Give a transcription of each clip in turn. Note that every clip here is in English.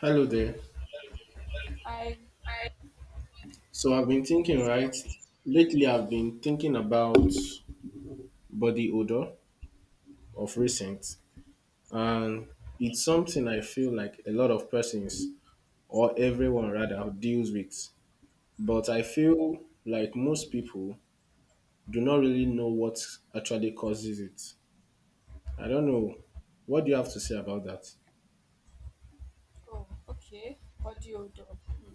Hello there. I So I've been thinking, right? Lately, I've been thinking about body odor of recent, and it's something I feel like a lot of persons, or everyone rather, deals with. But I feel like most people do not really know what actually causes it. I don't know. What do you have to say about that? Oh, okay. Body odor. Hmm.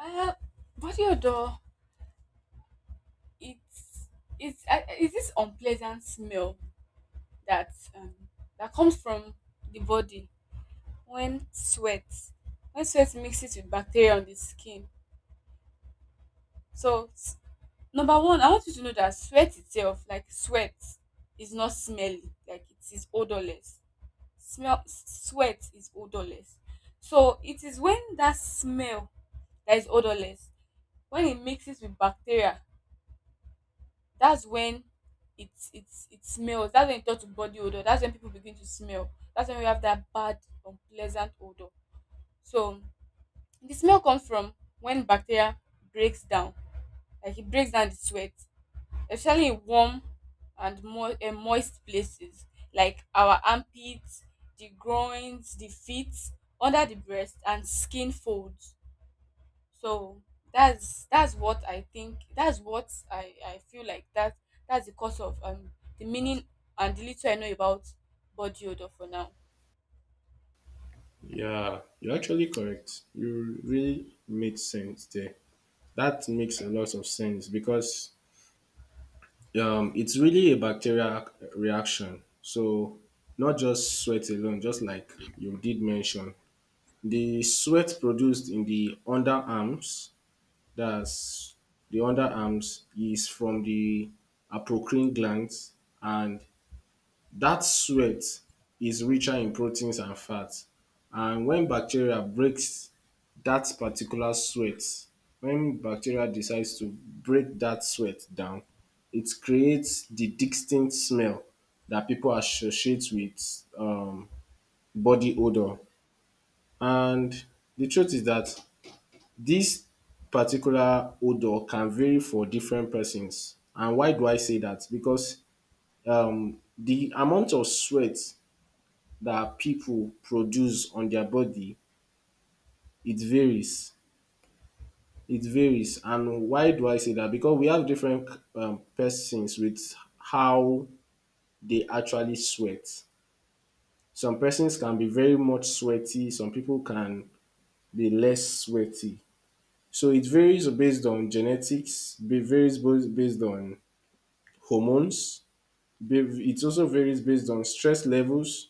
Uh, body odor. It's it's is this unpleasant smell that um, that comes from the body when sweat when sweat mixes with bacteria on the skin. So number one, I want you to know that sweat itself, like sweat, is not smelly. Like it is odorless. Smell sweat is odorless. So it is when that smell that is odorless, when it mixes with bacteria, that's when it it it smells. That's when it turn to body odor, that's when people begin to smell, that's when we have that bad unpleasant odor. So the smell comes from when bacteria breaks down, like it breaks down the sweat, especially in warm and moist places like our armpits, the groins, the feet, under the breast and skin folds. So that's what I think, that's what I feel like, that's the cause of the meaning, and the little I know about body odor for now. Yeah, you're actually correct. You really made sense there. That makes a lot of sense because it's really a bacterial reaction. So not just sweat alone, just like you did mention, the sweat produced in the underarms, that's the underarms, is from the apocrine glands and that sweat is richer in proteins and fats. And when bacteria breaks that particular sweat, when bacteria decides to break that sweat down, it creates the distinct smell that people associate with body odor. And the truth is that this particular odor can vary for different persons. And why do I say that? Because the amount of sweat that people produce on their body, it varies. It varies. And why do I say that? Because we have different persons with how they actually sweat. Some persons can be very much sweaty, some people can be less sweaty. So it varies based on genetics, it varies both based on hormones, it also varies based on stress levels,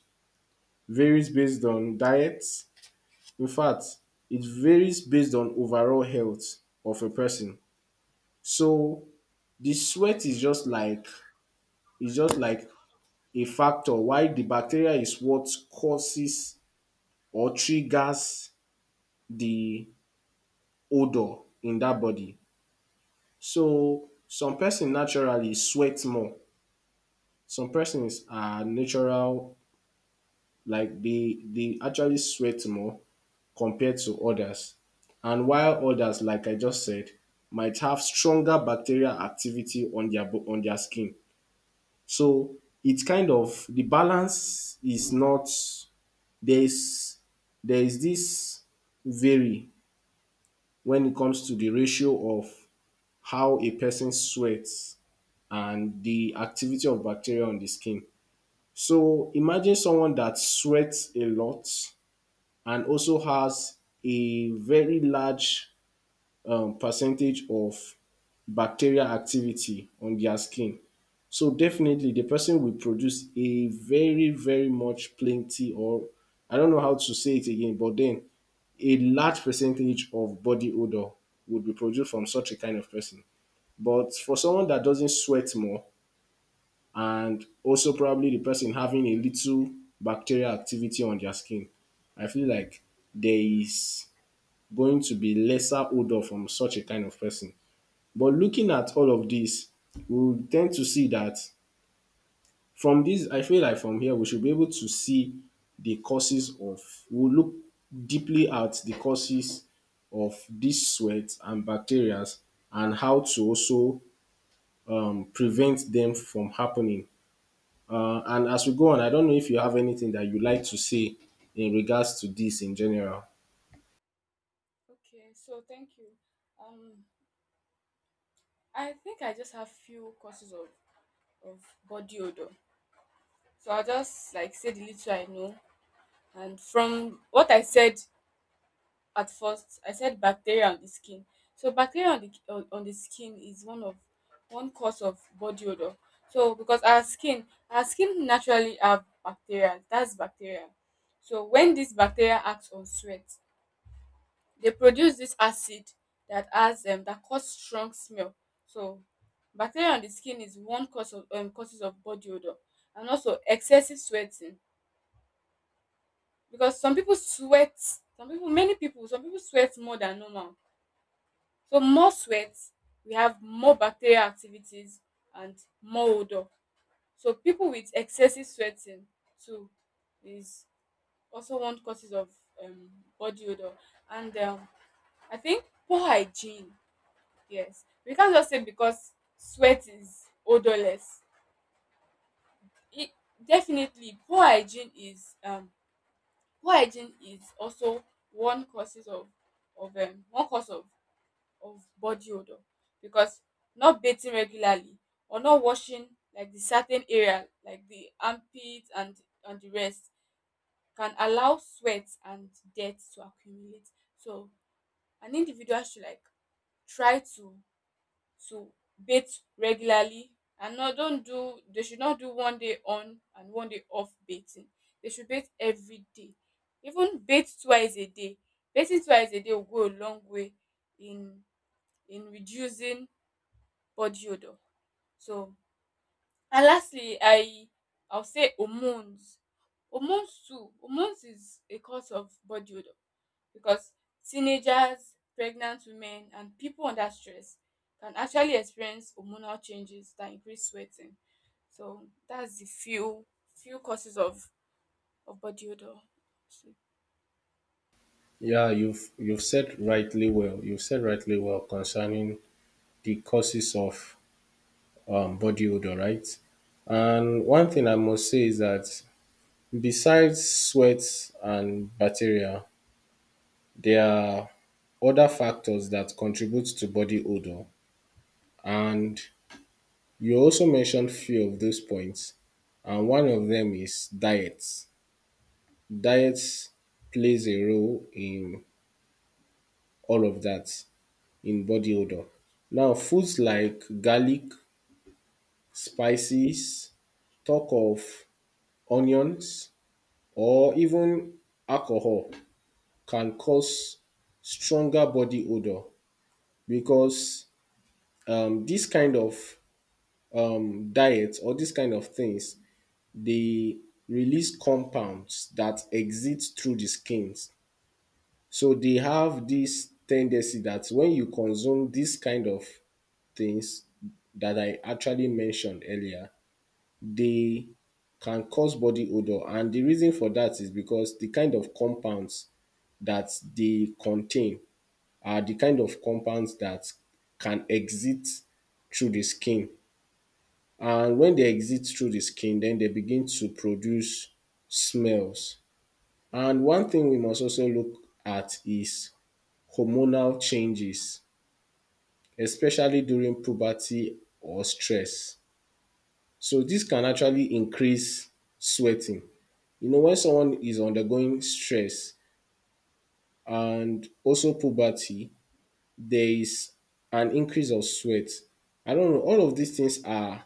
varies based on diets, in fact, it varies based on overall health of a person. So the sweat is just like is just like a factor, while the bacteria is what causes or triggers the odour in that body. So some person naturally sweat more, some persons are natural, like they actually sweat more compared to others. And while others, like I just said, might have stronger bacterial activity on their on their skin. So it's kind of, the balance is not, there is there is this vary when it comes to the ratio of how a person sweats and the activity of bacteria on the skin. So imagine someone that sweats a lot and also has a very large percentage of bacterial activity on their skin. So definitely the person will produce a very, very much plenty, or I don't know how to say it again, but then a large percentage of body odor would be produced from such a kind of person. But for someone that doesn't sweat more, and also probably the person having a little bacterial activity on their skin, I feel like there is going to be lesser odor from such a kind of person. But looking at all of this, we will tend to see that from this, I feel like from here we should be able to see the causes of, we'll look deeply at the causes of this sweat and bacteria, and how to also prevent them from happening. And as we go on, I don't know if you have anything that you like to say in regards to this in general. Okay, so thank you. Um, I think I just have few causes of body odor. So I'll just like say the little I know. And from what I said at first, I said bacteria on the skin. So bacteria on the skin is one cause of body odor. So because our skin naturally have bacteria, that's bacteria. So when this bacteria acts on sweat, they produce this acid that has that cause strong smell. So bacteria on the skin is one cause of causes of body odor. And also excessive sweating, because some people sweat, some people, many people, some people sweat more than normal. So more sweat, we have more bacterial activities and more odor. So people with excessive sweating too is also one causes of um, body odor. And I think poor hygiene. Yes, we can't just say because sweat is odorless. It definitely poor hygiene is also one causes of one cause of body odour, because not bathing regularly or not washing, like the certain area like the armpit and the rest, can allow sweat and dirt to accumulate. So an individual should like try to bathe regularly, and not don't do, they should not do one day on and one day off bathing. They should bathe every day, even bathe twice a day. Bathing twice a day will go a long way in in reducing body odour. So and lastly, I'll say hormones. Hormones too hormones is a cause of body odour, because teenagers, pregnant women and people under stress can actually experience hormonal changes that increase sweating. So that's the few causes of body odour. Yeah, you've said rightly well. You've said rightly well concerning the causes of body odor, right? And one thing I must say is that besides sweat and bacteria, there are other factors that contribute to body odor. And you also mentioned few of those points, and one of them is diets. Diets plays a role in all of that, in body odour. Now, foods like garlic, spices, talk of onions, or even alcohol can cause stronger body odour because dis kind of diet, or this kind of things, they release compounds that exit through the skins. So they have this tendency that when you consume this kind of things that I actually mentioned earlier, they can cause body odor. And the reason for that is because the kind of compounds that they contain are the kind of compounds that can exit through the skin. And when they exit through the skin, then they begin to produce smells. And one thing we must also look at is hormonal changes, especially during puberty or stress. So this can actually increase sweating. You know, when someone is undergoing stress and also puberty, there is an increase of sweat. I don't know, all of these things are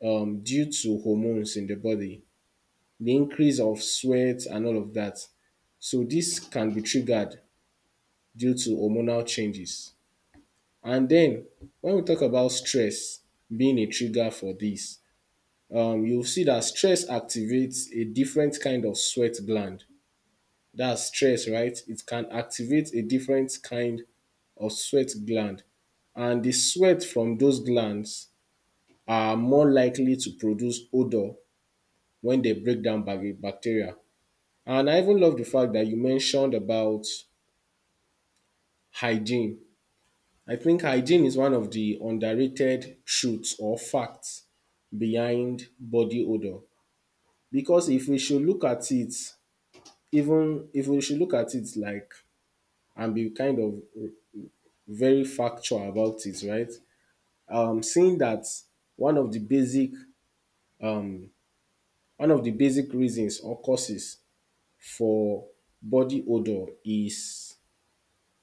due to hormones in the body, the increase of sweat and all of that. So this can be triggered due to hormonal changes. And then when we talk about stress being a trigger for this, you'll see that stress activates a different kind of sweat gland. That's stress, right? It can activate a different kind of sweat gland. And the sweat from those glands are more likely to produce odor when they break down bacteria. And I even love the fact that you mentioned about hygiene. I think hygiene is one of the underrated truth or fact behind body odour, because if we should look at it, even if we should look at it like and be kind of very factual about it, right? Seeing that one of the basic um, one of the basic reasons or causes for body odour is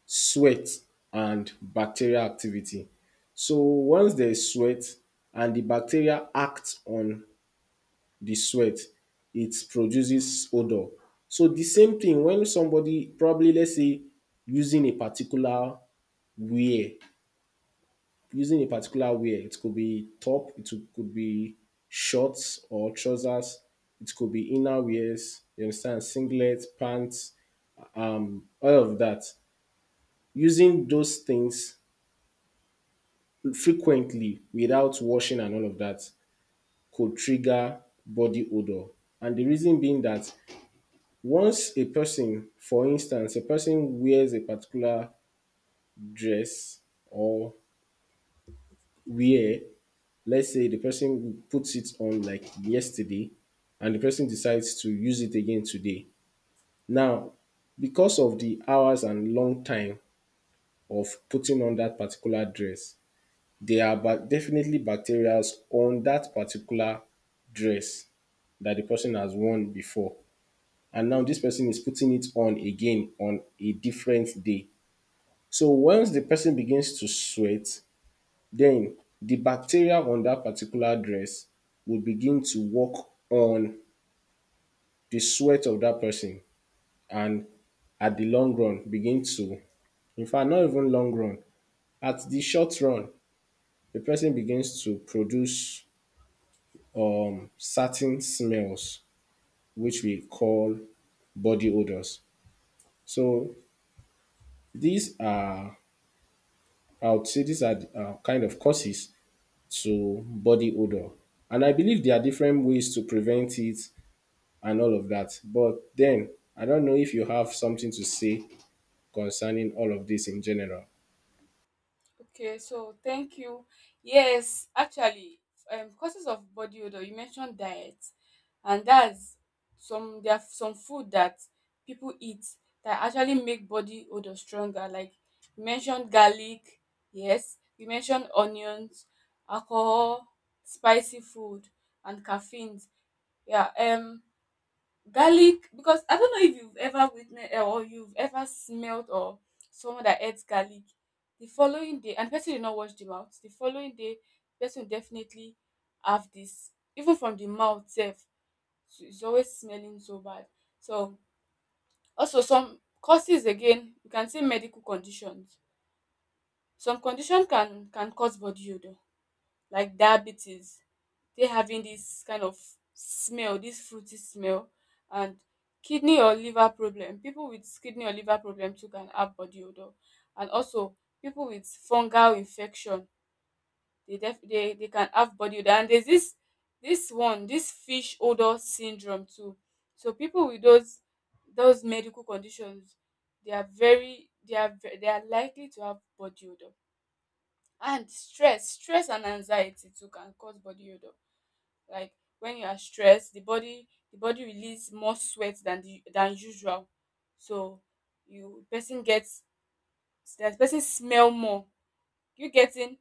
sweat and bacterial activity. So once there is sweat and the bacteria act on the sweat, it produces odor. So the same thing when somebody, probably let's say, using a particular wear, it could be top, it could be shorts or trousers, it could be inner wears, you understand, singlet, pants, all of that. Using those things frequently without washing and all of that could trigger body odor. And the reason being that once a person, for instance, a person wears a particular dress or wear, let's say the person puts it on like yesterday and the person decides to use it again today. Now, because of the hours and long time of putting on that particular dress, they are definitely bacteria on that particular dress that the person has worn before. And now this person is putting it on again on a different day. So once the person begins to sweat, then the bacteria on that particular dress will begin to work on the sweat of that person, and at the long run begin to, in fact not even long run, at the short run, the person begins to produce certain smells, which we call body odors. So these are, I would say, these are kind of causes to body odor. And I believe there are different ways to prevent it and all of that. But then, I don't know if you have something to say concerning all of this in general. Okay, so thank you. Yes, actually, causes of body odor. You mentioned diet, and that's, some there are some food that people eat that actually make body odor stronger. Like you mentioned garlic. Yes, you mentioned onions, alcohol, spicy food, and caffeine. Yeah. Garlic, because I don't know if you've ever witnessed or you've ever smelled, or someone that eats garlic the following day, and the person did not wash the mouth the following day, the person will definitely have this even from the mouth itself. So it's always smelling so bad. So also some causes again, you can say medical conditions. Some condition can cause body odour, like diabetes, they having this kind of smell, this fruity smell, and kidney or liver problem. People with kidney or liver problem too can have body odor, and also people with fungal infection, they def they can have body odor. And there's this one, this fish odor syndrome too. So people with those medical conditions, they are very they are ve- they are likely to have body odor. And stress, stress and anxiety too can cause body odour. Like when you are stressed, the body release more sweat than the than usual. So you person gets, that person smell more. You getting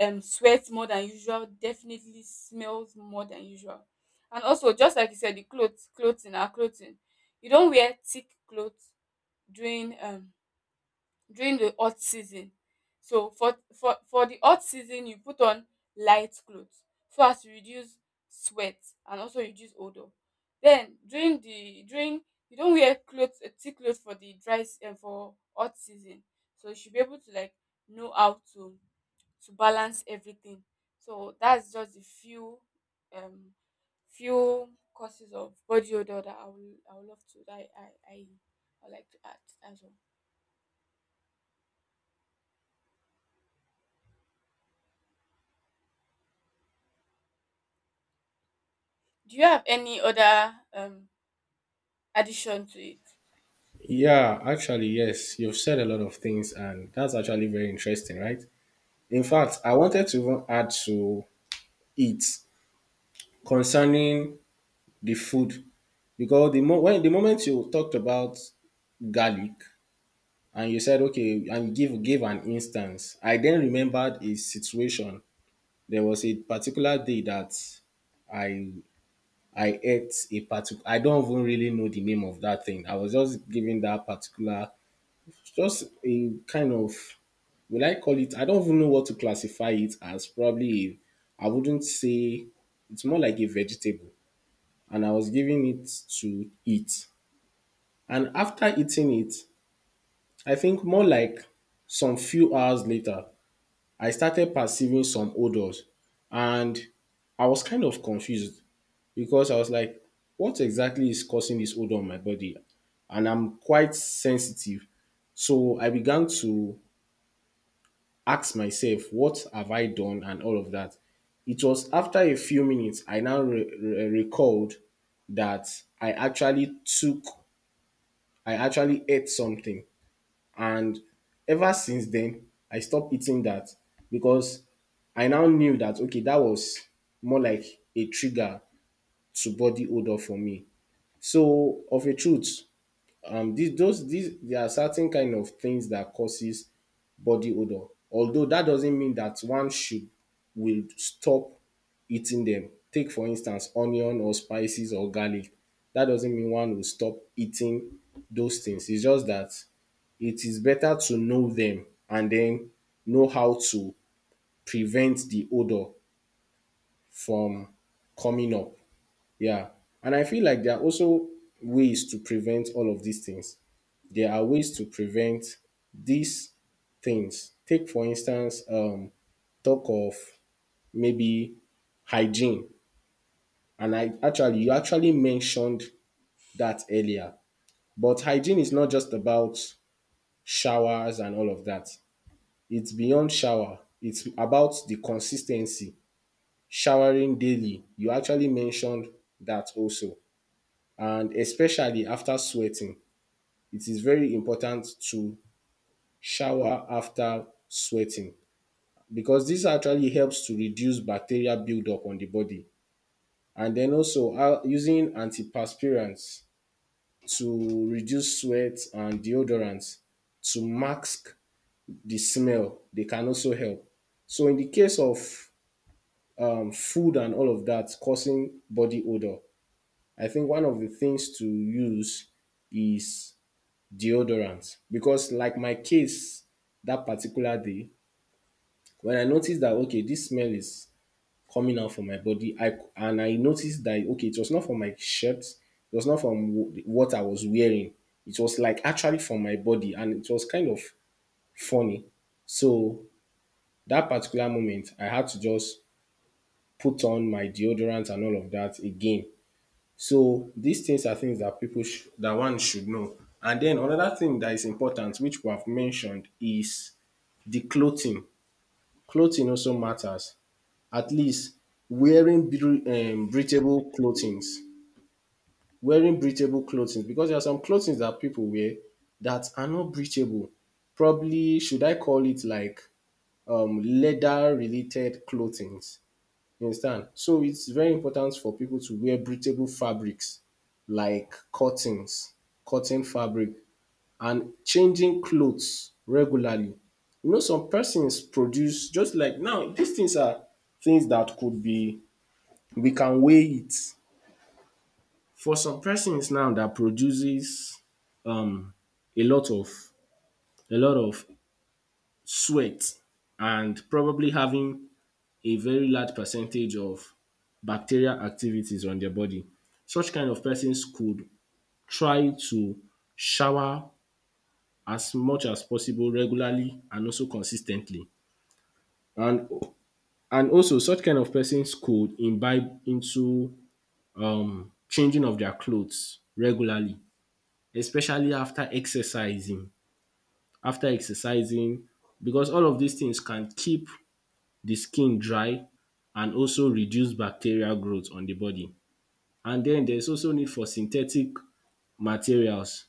sweat more than usual definitely smells more than usual. And also just like you said, the clothes, clothing, our clothing. You don't wear thick clothes during um during the hot season. So for the hot season you put on light clothes so as to reduce sweat and also reduce odour. Then during, you don't wear cloth thick clothes for the dry and for hot season. So you should be able to like know how to balance everything. So that's just the um few causes of body odour that I would love to, that I would like to add. That's all. Do you have any other addition to it? Yeah, actually, yes, you've said a lot of things, and that's actually very interesting, right? In Yeah. fact, I wanted to even add to it concerning the food, because when the moment you talked about garlic and you said okay and give an instance, I then remembered a situation. There was a particular day that i I ate a particular, I don't even really know the name of that thing, I was just giving that particular, just a kind of, will I call it, I don't even know what to classify it as, probably I wouldn't say, it's more like a vegetable, and I was giving it to eat. And after eating it, I think more like some few hours later, I started perceiving some odors. And I was kind of confused because I was like, what exactly is causing this odor on my body? And I'm quite sensitive. So I began to ask myself, what have I done? And all of that. It was after a few minutes, I now recalled that I actually took, I actually ate something. And ever since then, I stopped eating that because I now knew that okay, that was more like a trigger to body odor for me. So, of a truth, these those these there are certain kind of things that causes body odor, although that doesn't mean that one should will stop eating them. Take for instance onion or spices or garlic, that doesn't mean one will stop eating those things. It's just that it is better to know them and then know how to prevent the odor from coming up. Yeah. And I feel like there are also ways to prevent all of these things, Yeah. there are ways to prevent these things. Take for instance, talk of maybe hygiene, and I actually you actually mentioned that earlier. But hygiene is not just about showers and all of that. It's beyond shower. It's about the consistency. Showering daily. You actually mentioned that also, and especially after sweating, it is very important to shower after sweating because this actually helps to reduce bacteria buildup on the body. And then also using antiperspirants to reduce sweat and deodorants to mask the smell, they can also help. So in the case of food and all of that causing body odor, I think one of the things to use is deodorant because like my case, that particular day when I noticed that, okay, this smell is coming out from my body. I and I noticed that, okay, it was not from my shirt, it was not from what I was wearing. It was like actually from my body, and it was kind of funny. So that particular moment, I had to just put on my deodorant and all of that again. So these things are things that that one should know. And then another thing that is important, which we have mentioned, is the clothing. Clothing also matters. At least breathable clothings wearing breathable clothing, because there are some clothing that people wear that are not breathable. Probably should I call it like leather related clothing? You understand? So it's very important for people to wear breathable fabrics like curtains, cotton fabric, and changing clothes regularly. You know, some persons produce just like now, these things are things that could be we can weigh it. For some persons now that produces um, a lot of a lot of sweat and probably having a very large percentage of bacterial activities on their body. Such kind of persons could try to shower as much as possible regularly and also consistently. And and also such kind of persons could imbibe into changing of their clothes regularly, especially after exercising because all of these things can keep the skin dry and also reduce bacterial growth on the body. And then there's also need for synthetic materials.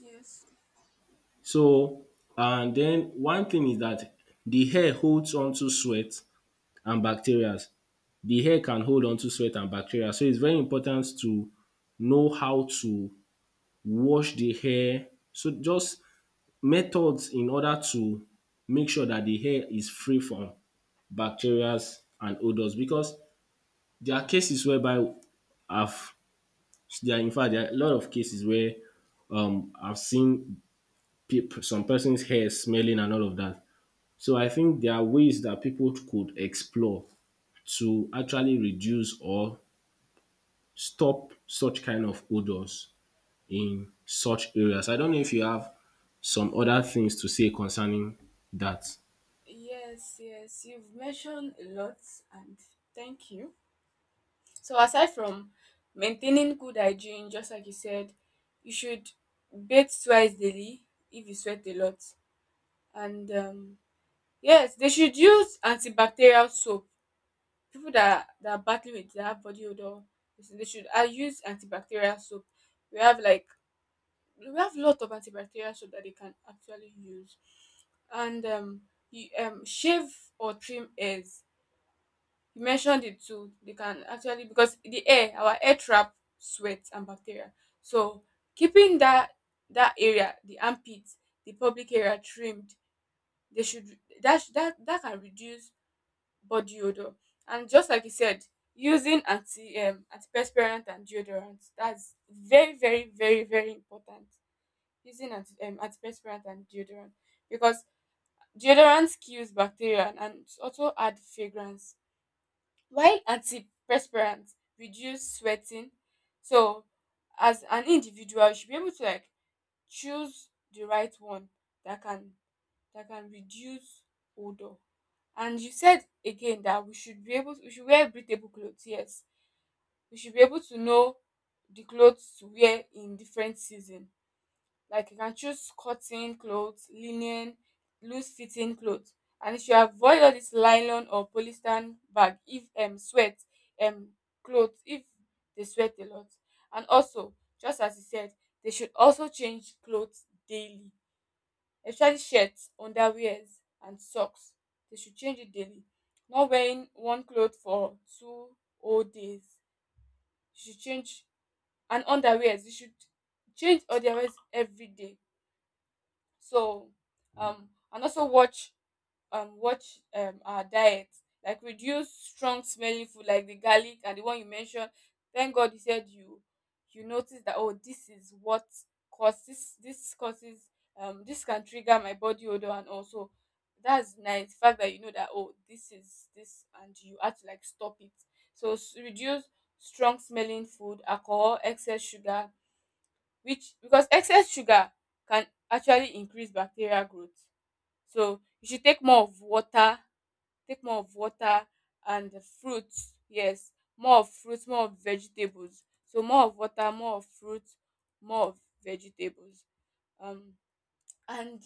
Yes. So and then one thing is that the hair holds onto sweat and bacteria. The hair can hold onto sweat and bacteria. So it's very important to know how to wash the hair. So just methods in order to make sure that the hair is free from bacteria and odours, because there are cases whereby I've there are in fact there are a lot of cases where I've seen peop some person's hair smelling and all of that. So I think there are ways that people could explore to actually reduce or stop such kind of odours in such areas. I don't know if you have some other things to say concerning that. Yes, yes. You've mentioned a lot, and thank you. So aside from maintaining good hygiene, just like you said, you should bathe twice daily if you sweat a lot. And yes, they should use antibacterial soap. People that are battling with their body odor, they should use antibacterial soap. We have like we have a lot of antibacterial soap that they can actually use. And you, shave or trim hairs. You mentioned it too. They can actually, because the air, our air trap sweat and bacteria. So keeping that area, the armpit, the public area trimmed, they should, that sh- that that can reduce body odor. And just like you said, using antiperspirant and deodorant. That's very very very very important. Using antiperspirant and deodorant, because deodorant kills bacteria and also add fragrance, while antiperspirant reduce sweating. So as an individual you should be able to like choose the right one that can reduce odor. And you said again that we should be able to, we should wear breathable clothes. Yes, we should be able to know the clothes to wear in different season. Like you can choose cotton clothes, linen, loose fitting clothes. And if you should avoid all this nylon or polyester, bag if sweat um clothes if they sweat a lot. And also, just as you said, they should also change clothes daily, especially shirts, underwears, and socks. They should change it daily. Not wearing one cloth for two whole days. You should change. And underwears, you should change underwears every day. So and also watch watch our diet, like reduce strong smelling food like the garlic and the one you mentioned. Thank God you said, you noticed that, oh this is what causes this can trigger my body odor. And also that's nice, the fact that you know that oh this is this, and you have to like stop it. So reduce strong smelling food, alcohol, excess sugar, which, because excess sugar can actually increase bacterial growth. So you should take more of water, take more of water, and the fruits. Yes, more of fruits, more of vegetables. So more of water, more of fruits, more of vegetables. um and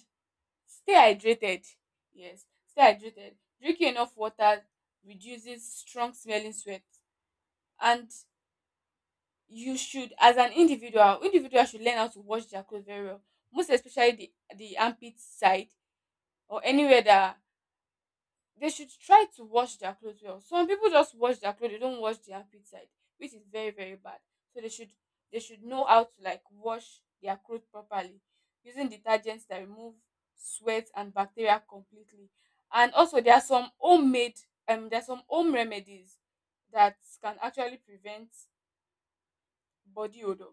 stay hydrated. Yes, stay hydrated. Drinking enough water reduces strong smelling sweat. And you should, as an individual, individual should learn how to wash their clothes very well, most especially the armpit side or anywhere that, they should try to wash their clothes well. Some people just wash their clothes, they don't wash the armpit side, which is very very bad. So they should, they should know how to like wash their clothes properly, using detergents that remove sweat and bacteria completely. And also there are some homemade, there are some home remedies that can actually prevent body odor.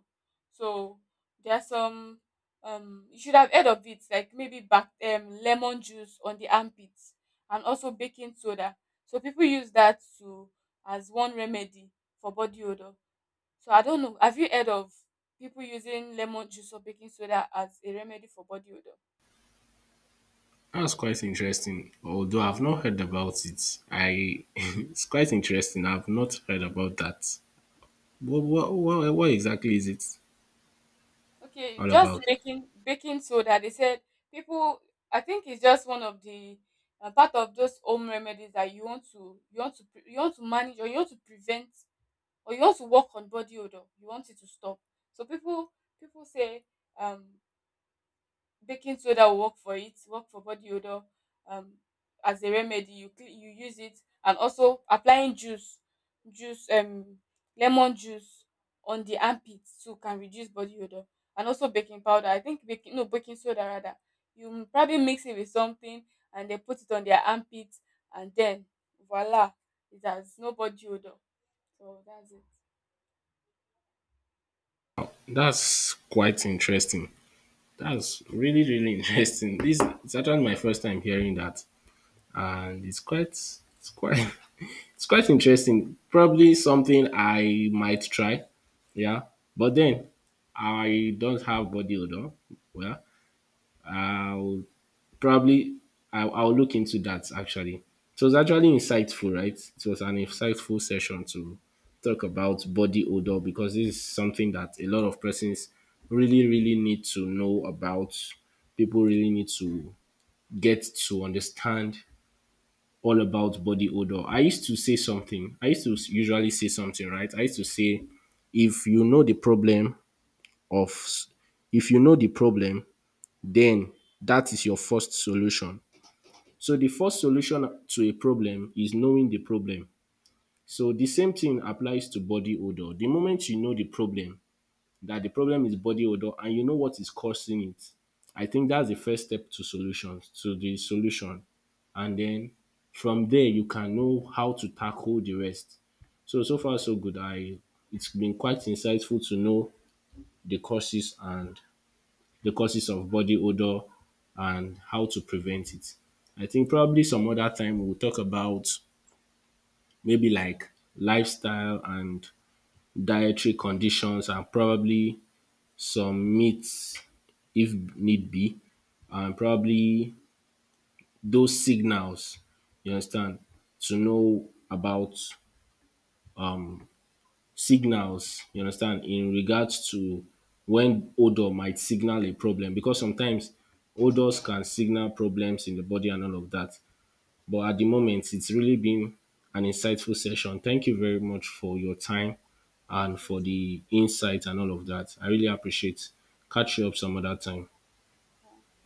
So there are some you should have heard of it, like maybe back lemon juice on the armpits, and also baking soda. So people use that to, as one remedy for body odor. So I don't know, have you heard of people using lemon juice or baking soda as a remedy for body odor? That's quite interesting, although I've not heard about it. I it's quite interesting. I've not heard about that. What exactly is it Okay, all just about? Baking soda. They said people. I think it's just one of the part of those home remedies that you want to, you want to manage, or you want to prevent, or you want to work on body odor. You want it to stop. So people say um baking soda will work for it, work for body odor. um as a remedy, you you use it. And also applying juice, juice um lemon juice on the armpits too can reduce body odor. And also baking powder, I think baking, no, baking soda rather, you probably mix it with something, and they put it on their armpits, and then voila, it has no body odor. So that's it. That's quite interesting. That's really, really interesting. This it's actually my first time hearing that, and it's quite it's quite interesting. Probably something I might try. Yeah, but then I don't have body odor. Well, I'll probably I'll look into that actually. It was actually insightful, right? It was an insightful session to talk about body odor because this is something that a lot of persons really, really need to know about. People really need to get to understand all about body odor. I used to say something, I used to usually say something, right? I used to say, if you know the problem of, if you know the problem, then that is your first solution. So the first solution to a problem is knowing the problem. So the same thing applies to body odor. The moment you know the problem, that the problem is body odor and you know what is causing it, I think that's the first step to solutions, to the solution. And then from there you can know how to tackle the rest. So so far so good. I it's been quite insightful to know the causes and the causes of body odor and how to prevent it. I think probably some other time we'll talk about maybe like lifestyle and dietary conditions and probably some myths, if need be, and probably those signals, you understand, to know about signals, you understand, in regards to when odor might signal a problem, because sometimes odors can signal problems in the body and all of that. But at the moment, it's really been an insightful session. Thank you very much for your time and Thank you for too. the insight and all of that. I really appreciate. Catch you up Thank some other time. you.